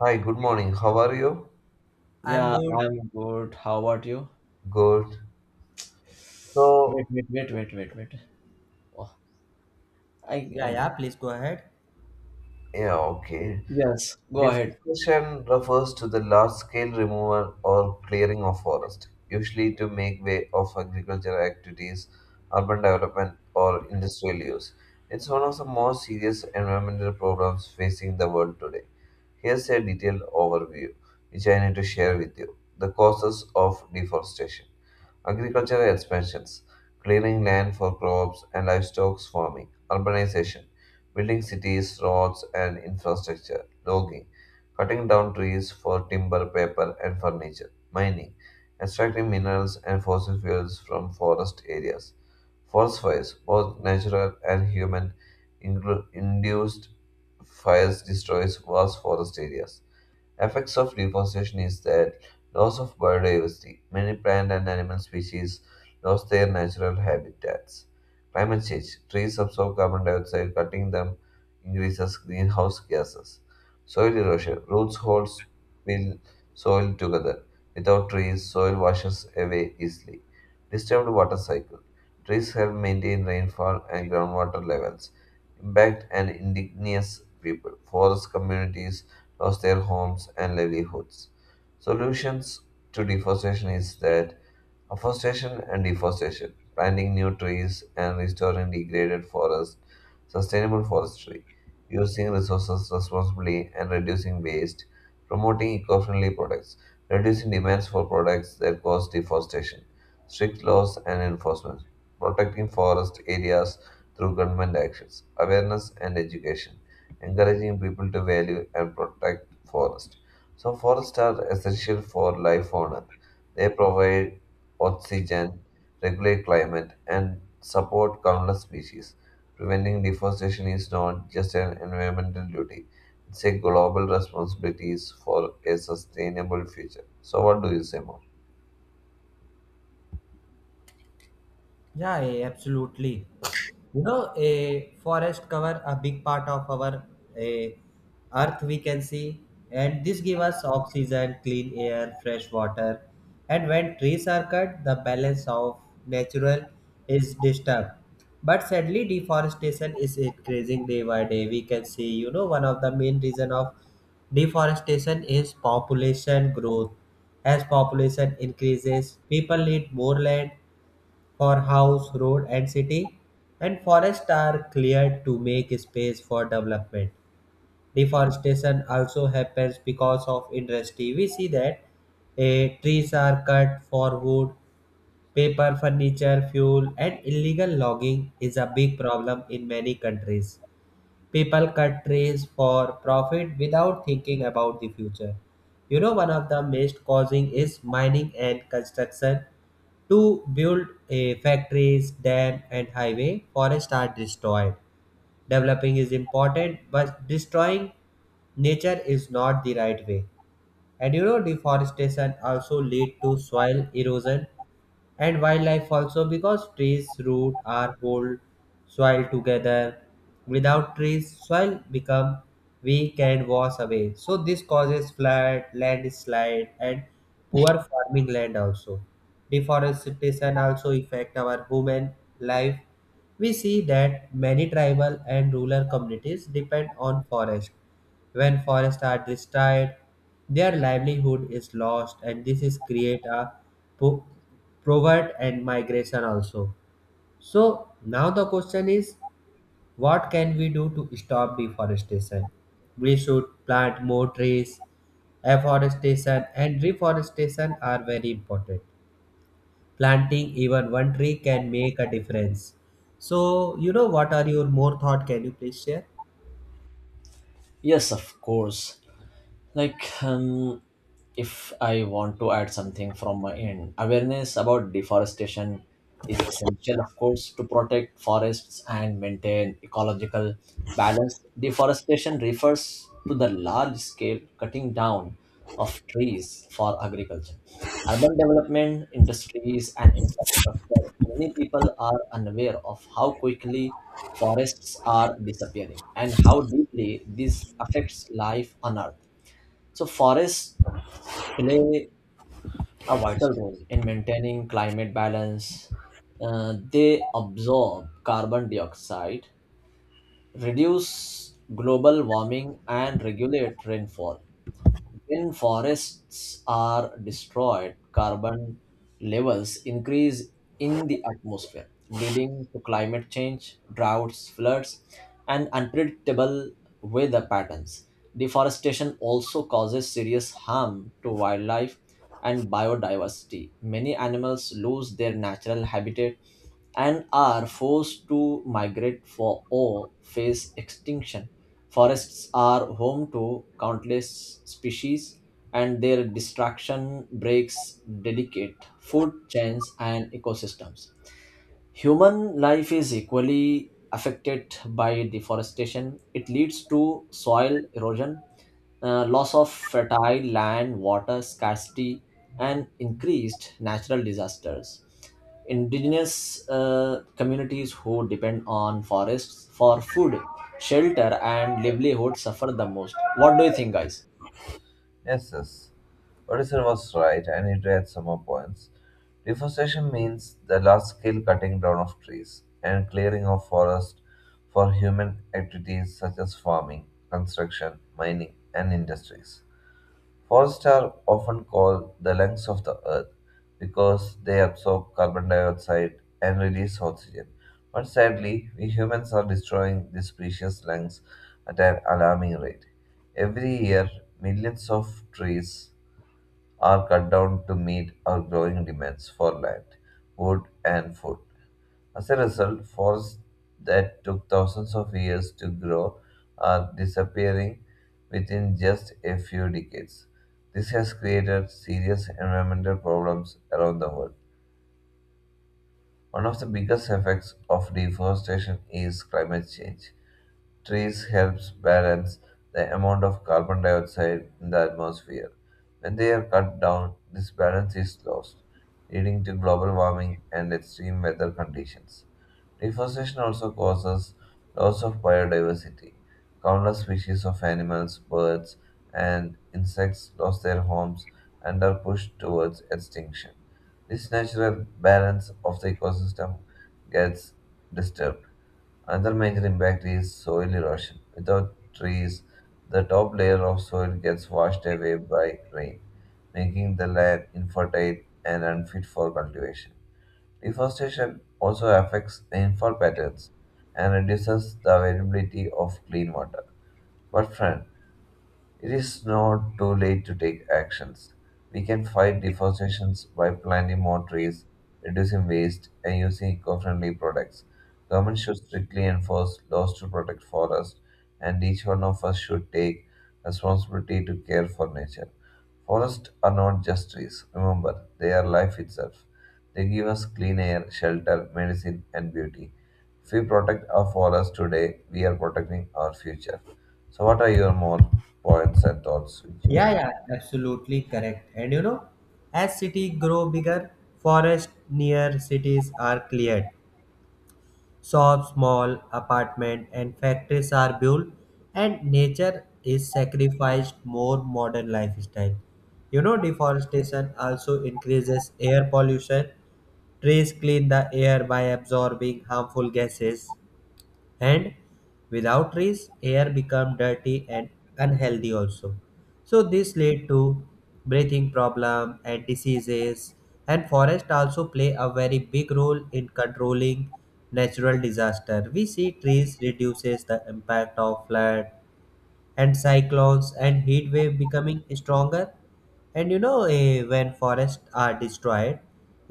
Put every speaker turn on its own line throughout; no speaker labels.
Hi, good morning. How are you?
I'm
Yeah,
good.
I'm good. How about you?
Good.
Wait,
So,
wait, wait, wait, wait, wait. Oh, I,
Yeah,
I
yeah, please go ahead.
yeah, okay.
yes, go ahead.
Deforestation refers to the large-scale removal or clearing of forest, usually to make way of agricultural activities, urban development, or industrial use. It's one of the most serious environmental problems facing the world today. Here's a detailed overview, which I need to share with you. The causes of deforestation. Agricultural expansions, clearing land for crops and livestock farming, urbanization, building cities, roads, and infrastructure, logging, cutting down trees for timber, paper, and furniture, mining, extracting minerals and fossil fuels from forest areas, forest fires, both natural and human, induced fires destroys vast forest areas. Effects of deforestation is that loss of biodiversity. Many plant and animal species lost their natural habitats. Climate change. Trees absorb carbon dioxide, cutting them increases greenhouse gases. Soil erosion. Roots hold spill soil together. Without trees, soil washes away easily. Disturbed water cycle. Trees help maintain rainfall and groundwater levels. Impact and indigenous people. Forest communities lost their homes and livelihoods. Solutions to deforestation is that afforestation and deforestation, planting new trees and restoring degraded forests, sustainable forestry, using resources responsibly and reducing waste, promoting eco friendly products, reducing demands for products that cause deforestation, strict laws and enforcement, protecting forest areas through government actions, awareness and education, encouraging people to value and protect forests. So, forests are essential for life on earth. They provide oxygen, regulate climate, and support countless species. Preventing deforestation is not just an environmental duty, it's a global responsibility for a sustainable future. So, what do you say more?
Yeah, absolutely. You know, a forest cover a big part of our a earth we can see, and this give us oxygen, clean air, fresh water. And when trees are cut, the balance of natural is disturbed. But sadly, deforestation is increasing day by day. We can see, you know, one of the main reason of deforestation is population growth. As population increases, people need more land for house, road, and city, and forests are cleared to make space for development. Deforestation also happens because of industry. We see that trees are cut for wood, paper, furniture, fuel, and illegal logging is a big problem in many countries. People cut trees for profit without thinking about the future. You know, one of the most causing is mining and construction to build a factories, dam, and highway, forests are destroyed. Developing is important, but destroying nature is not the right way. And you know, deforestation also lead to soil erosion, and wildlife also because trees root are hold soil together without trees soil become weak and wash away so this causes flood landslide and poor farming land also deforestation also affect our human life we see that many tribal and rural communities depend on forest when forests are destroyed, their livelihood is lost, and this is create a po- poverty and migration also. So now the question is, what can we do to stop deforestation? We should plant more trees. Afforestation and reforestation are very important. Planting even one tree can make a difference. So, you know, what are your more thought? Can you please share?
Yes, of course. Like if I want to add something from my end, awareness about deforestation is essential, of course, to protect forests and maintain ecological balance. Deforestation refers to the large scale cutting down of trees for agriculture, urban development, industries, and infrastructure. Many people are unaware of how quickly forests are disappearing and how deeply this affects life on earth. So forests play a vital role in maintaining climate balance. They absorb carbon dioxide, reduce global warming, and regulate rainfall. When forests are destroyed, carbon levels increase in the atmosphere, leading to climate change, droughts, floods, and unpredictable weather patterns. Deforestation also causes serious harm to wildlife and biodiversity. Many animals lose their natural habitat and are forced to migrate for or face extinction. Forests are home to countless species, and their destruction breaks delicate food chains and ecosystems. Human life is equally affected by deforestation. It leads to soil erosion, loss of fertile land, water scarcity, and increased natural disasters. Indigenous communities who depend on forests for food, shelter, and livelihood suffer the most. What do you think, guys?
Yes, yes. Odison was right. I need to add some more points. Deforestation means the large scale cutting down of trees and clearing of forest for human activities such as farming, construction, mining, and industries. Forests are often called the lungs of the earth because they absorb carbon dioxide and release oxygen. But sadly, we humans are destroying these precious lungs at an alarming rate. Every year, millions of trees are cut down to meet our growing demands for land, wood, and food. As a result, forests that took thousands of years to grow are disappearing within just a few decades. This has created serious environmental problems around the world. One of the biggest effects of deforestation is climate change. Trees helps balance the amount of carbon dioxide in the atmosphere. When they are cut down, this balance is lost, leading to global warming and extreme weather conditions. Deforestation also causes loss of biodiversity. Countless species of animals, birds, and insects lost their homes and are pushed towards extinction. This natural balance of the ecosystem gets disturbed. Another major impact is soil erosion. Without trees, the top layer of soil gets washed away by rain, making the land infertile and unfit for cultivation. Deforestation also affects rainfall patterns and reduces the availability of clean water. But friend, it is not too late to take actions. We can fight deforestation by planting more trees, reducing waste, and using eco-friendly products. Government should strictly enforce laws to protect forests, and each one of us should take responsibility to care for nature. Forests are not just trees. Remember, they are life itself. They give us clean air, shelter, medicine, and beauty. If we protect our forests today, we are protecting our future. So, what are your more points and thoughts which you
Yeah,
need?
yeah, absolutely correct. And you know, as cities grow bigger, forests near cities are cleared. Shops, small apartment and factories are built and nature is sacrificed more modern lifestyle. You know, deforestation also increases air pollution. Trees clean the air by absorbing harmful gases and without trees air become dirty and unhealthy also so this lead to breathing problem and diseases and forest also play a very big role in controlling natural disaster we see trees reduces the impact of flood and cyclones and heat wave becoming stronger and you know when forests are destroyed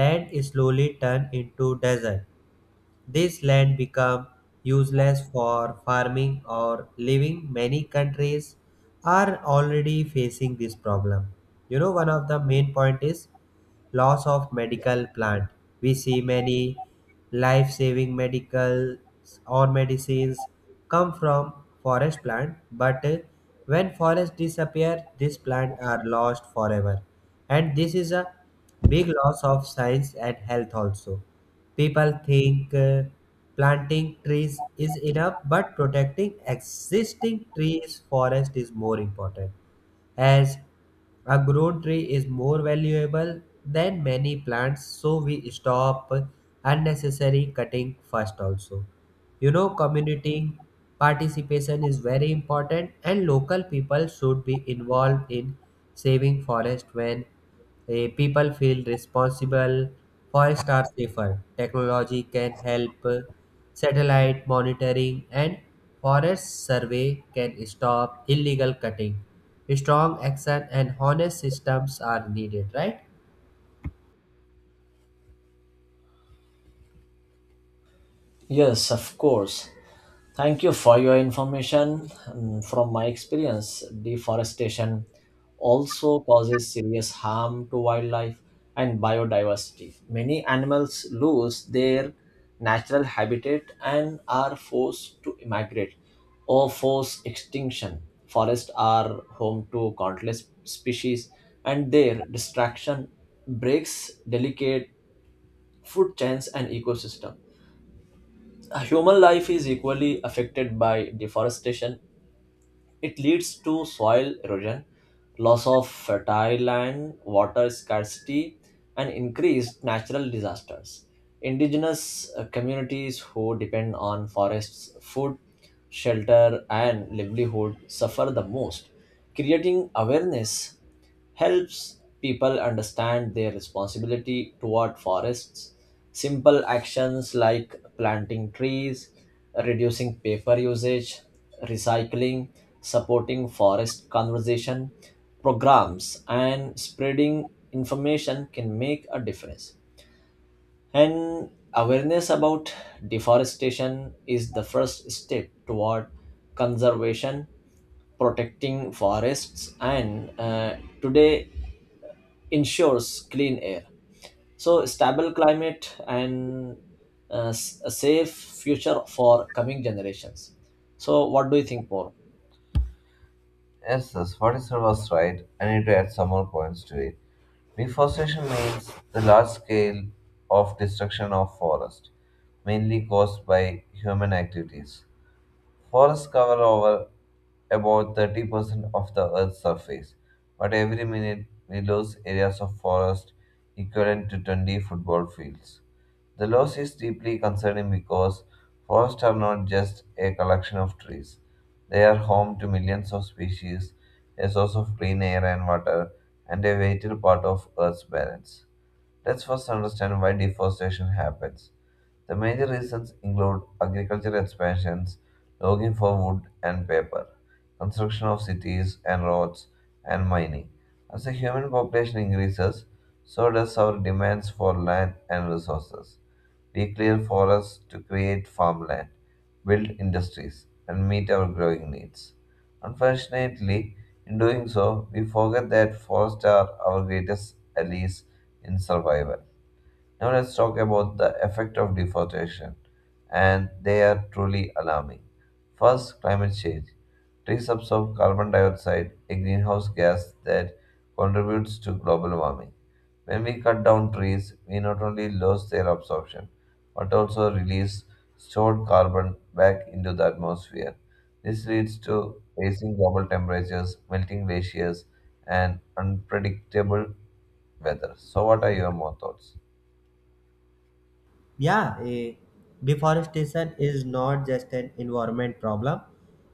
land is slowly turned into desert this land became useless for farming or living. Many countries are already facing this problem. You know, one of the main point is loss of medical plant. We see many life-saving medicals or medicines come from forest plant, but when forests disappear, these plants are lost forever. And this is a big loss of science and health also. People think planting trees is enough, but protecting existing trees forest is more important as a grown tree is more valuable than many plants so we stop unnecessary cutting first also you know community participation is very important and local people should be involved in saving forest when people feel responsible. Forests are safer. Technology can help. Satellite monitoring and forest survey can stop illegal cutting. Strong action and honest systems are needed, right?
Yes, of course. Thank you for your information. And from my experience, deforestation also causes serious harm to wildlife and biodiversity. Many animals lose their natural habitat and are forced to migrate or force extinction. Forests are home to countless species, and their destruction breaks delicate food chains and ecosystem. Human life is equally affected by deforestation. It leads to soil erosion, loss of fertile land, water scarcity, and increased natural disasters. Indigenous communities who depend on forests, food, shelter, and livelihood suffer the most. Creating awareness helps people understand their responsibility toward forests. Simple actions like planting trees, reducing paper usage, recycling, supporting forest conservation programs, and spreading information can make a difference. And awareness about deforestation is the first step toward conservation, protecting forests, and today ensures clean air. So, stable climate and a safe future for coming generations. So, what do you think more?
Yes, yes, what is said was right? I need to add some more points to it. Deforestation means the large scale of destruction of forest, mainly caused by human activities. Forests cover over about 30% of the Earth's surface, but every minute we lose areas of forest equivalent to 20 football fields. The loss is deeply concerning because forests are not just a collection of trees. They are home to millions of species, a source of clean air and water, and a vital part of Earth's balance. Let's first understand why deforestation happens. The major reasons include agricultural expansions, logging for wood and paper, construction of cities and roads, and mining. As the human population increases, so does our demands for land and resources. We clear forests to create farmland, build industries, and meet our growing needs. Unfortunately, in doing so, we forget that forests are our greatest allies in survival. Now let's talk about the effect of deforestation, and they are truly alarming. First, climate change. Trees absorb carbon dioxide, a greenhouse gas that contributes to global warming. When we cut down trees, we not only lose their absorption, but also release stored carbon back into the atmosphere. This leads to rising global temperatures, melting glaciers, and unpredictable weather. So, what are your more thoughts?
Yeah, deforestation is not just an environment problem,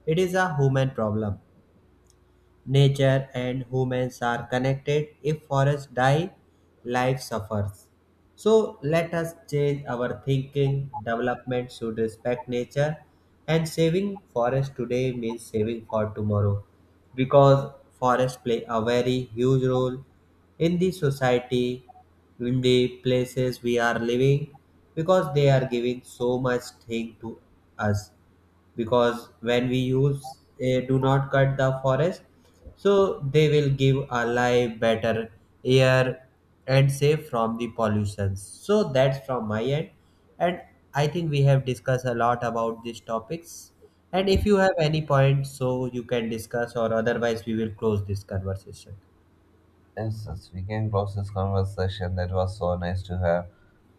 it is a human problem. Nature and humans are connected. If forests die, life suffers. So let us change our thinking. Development should respect nature, and saving forest today means saving for tomorrow because forests play a very huge role in the society, in the places we are living, because they are giving so much thing to us because when we use do not cut the forest so they will give a life better air and safe from the pollutions so that's from my end and I think we have discussed a lot about these topics and if you have any points so you can discuss or otherwise we will close this conversation.
Yes, yes, we can close this conversation. That was so nice to have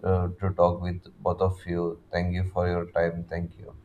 to talk with both of you. Thank you for your time. Thank you.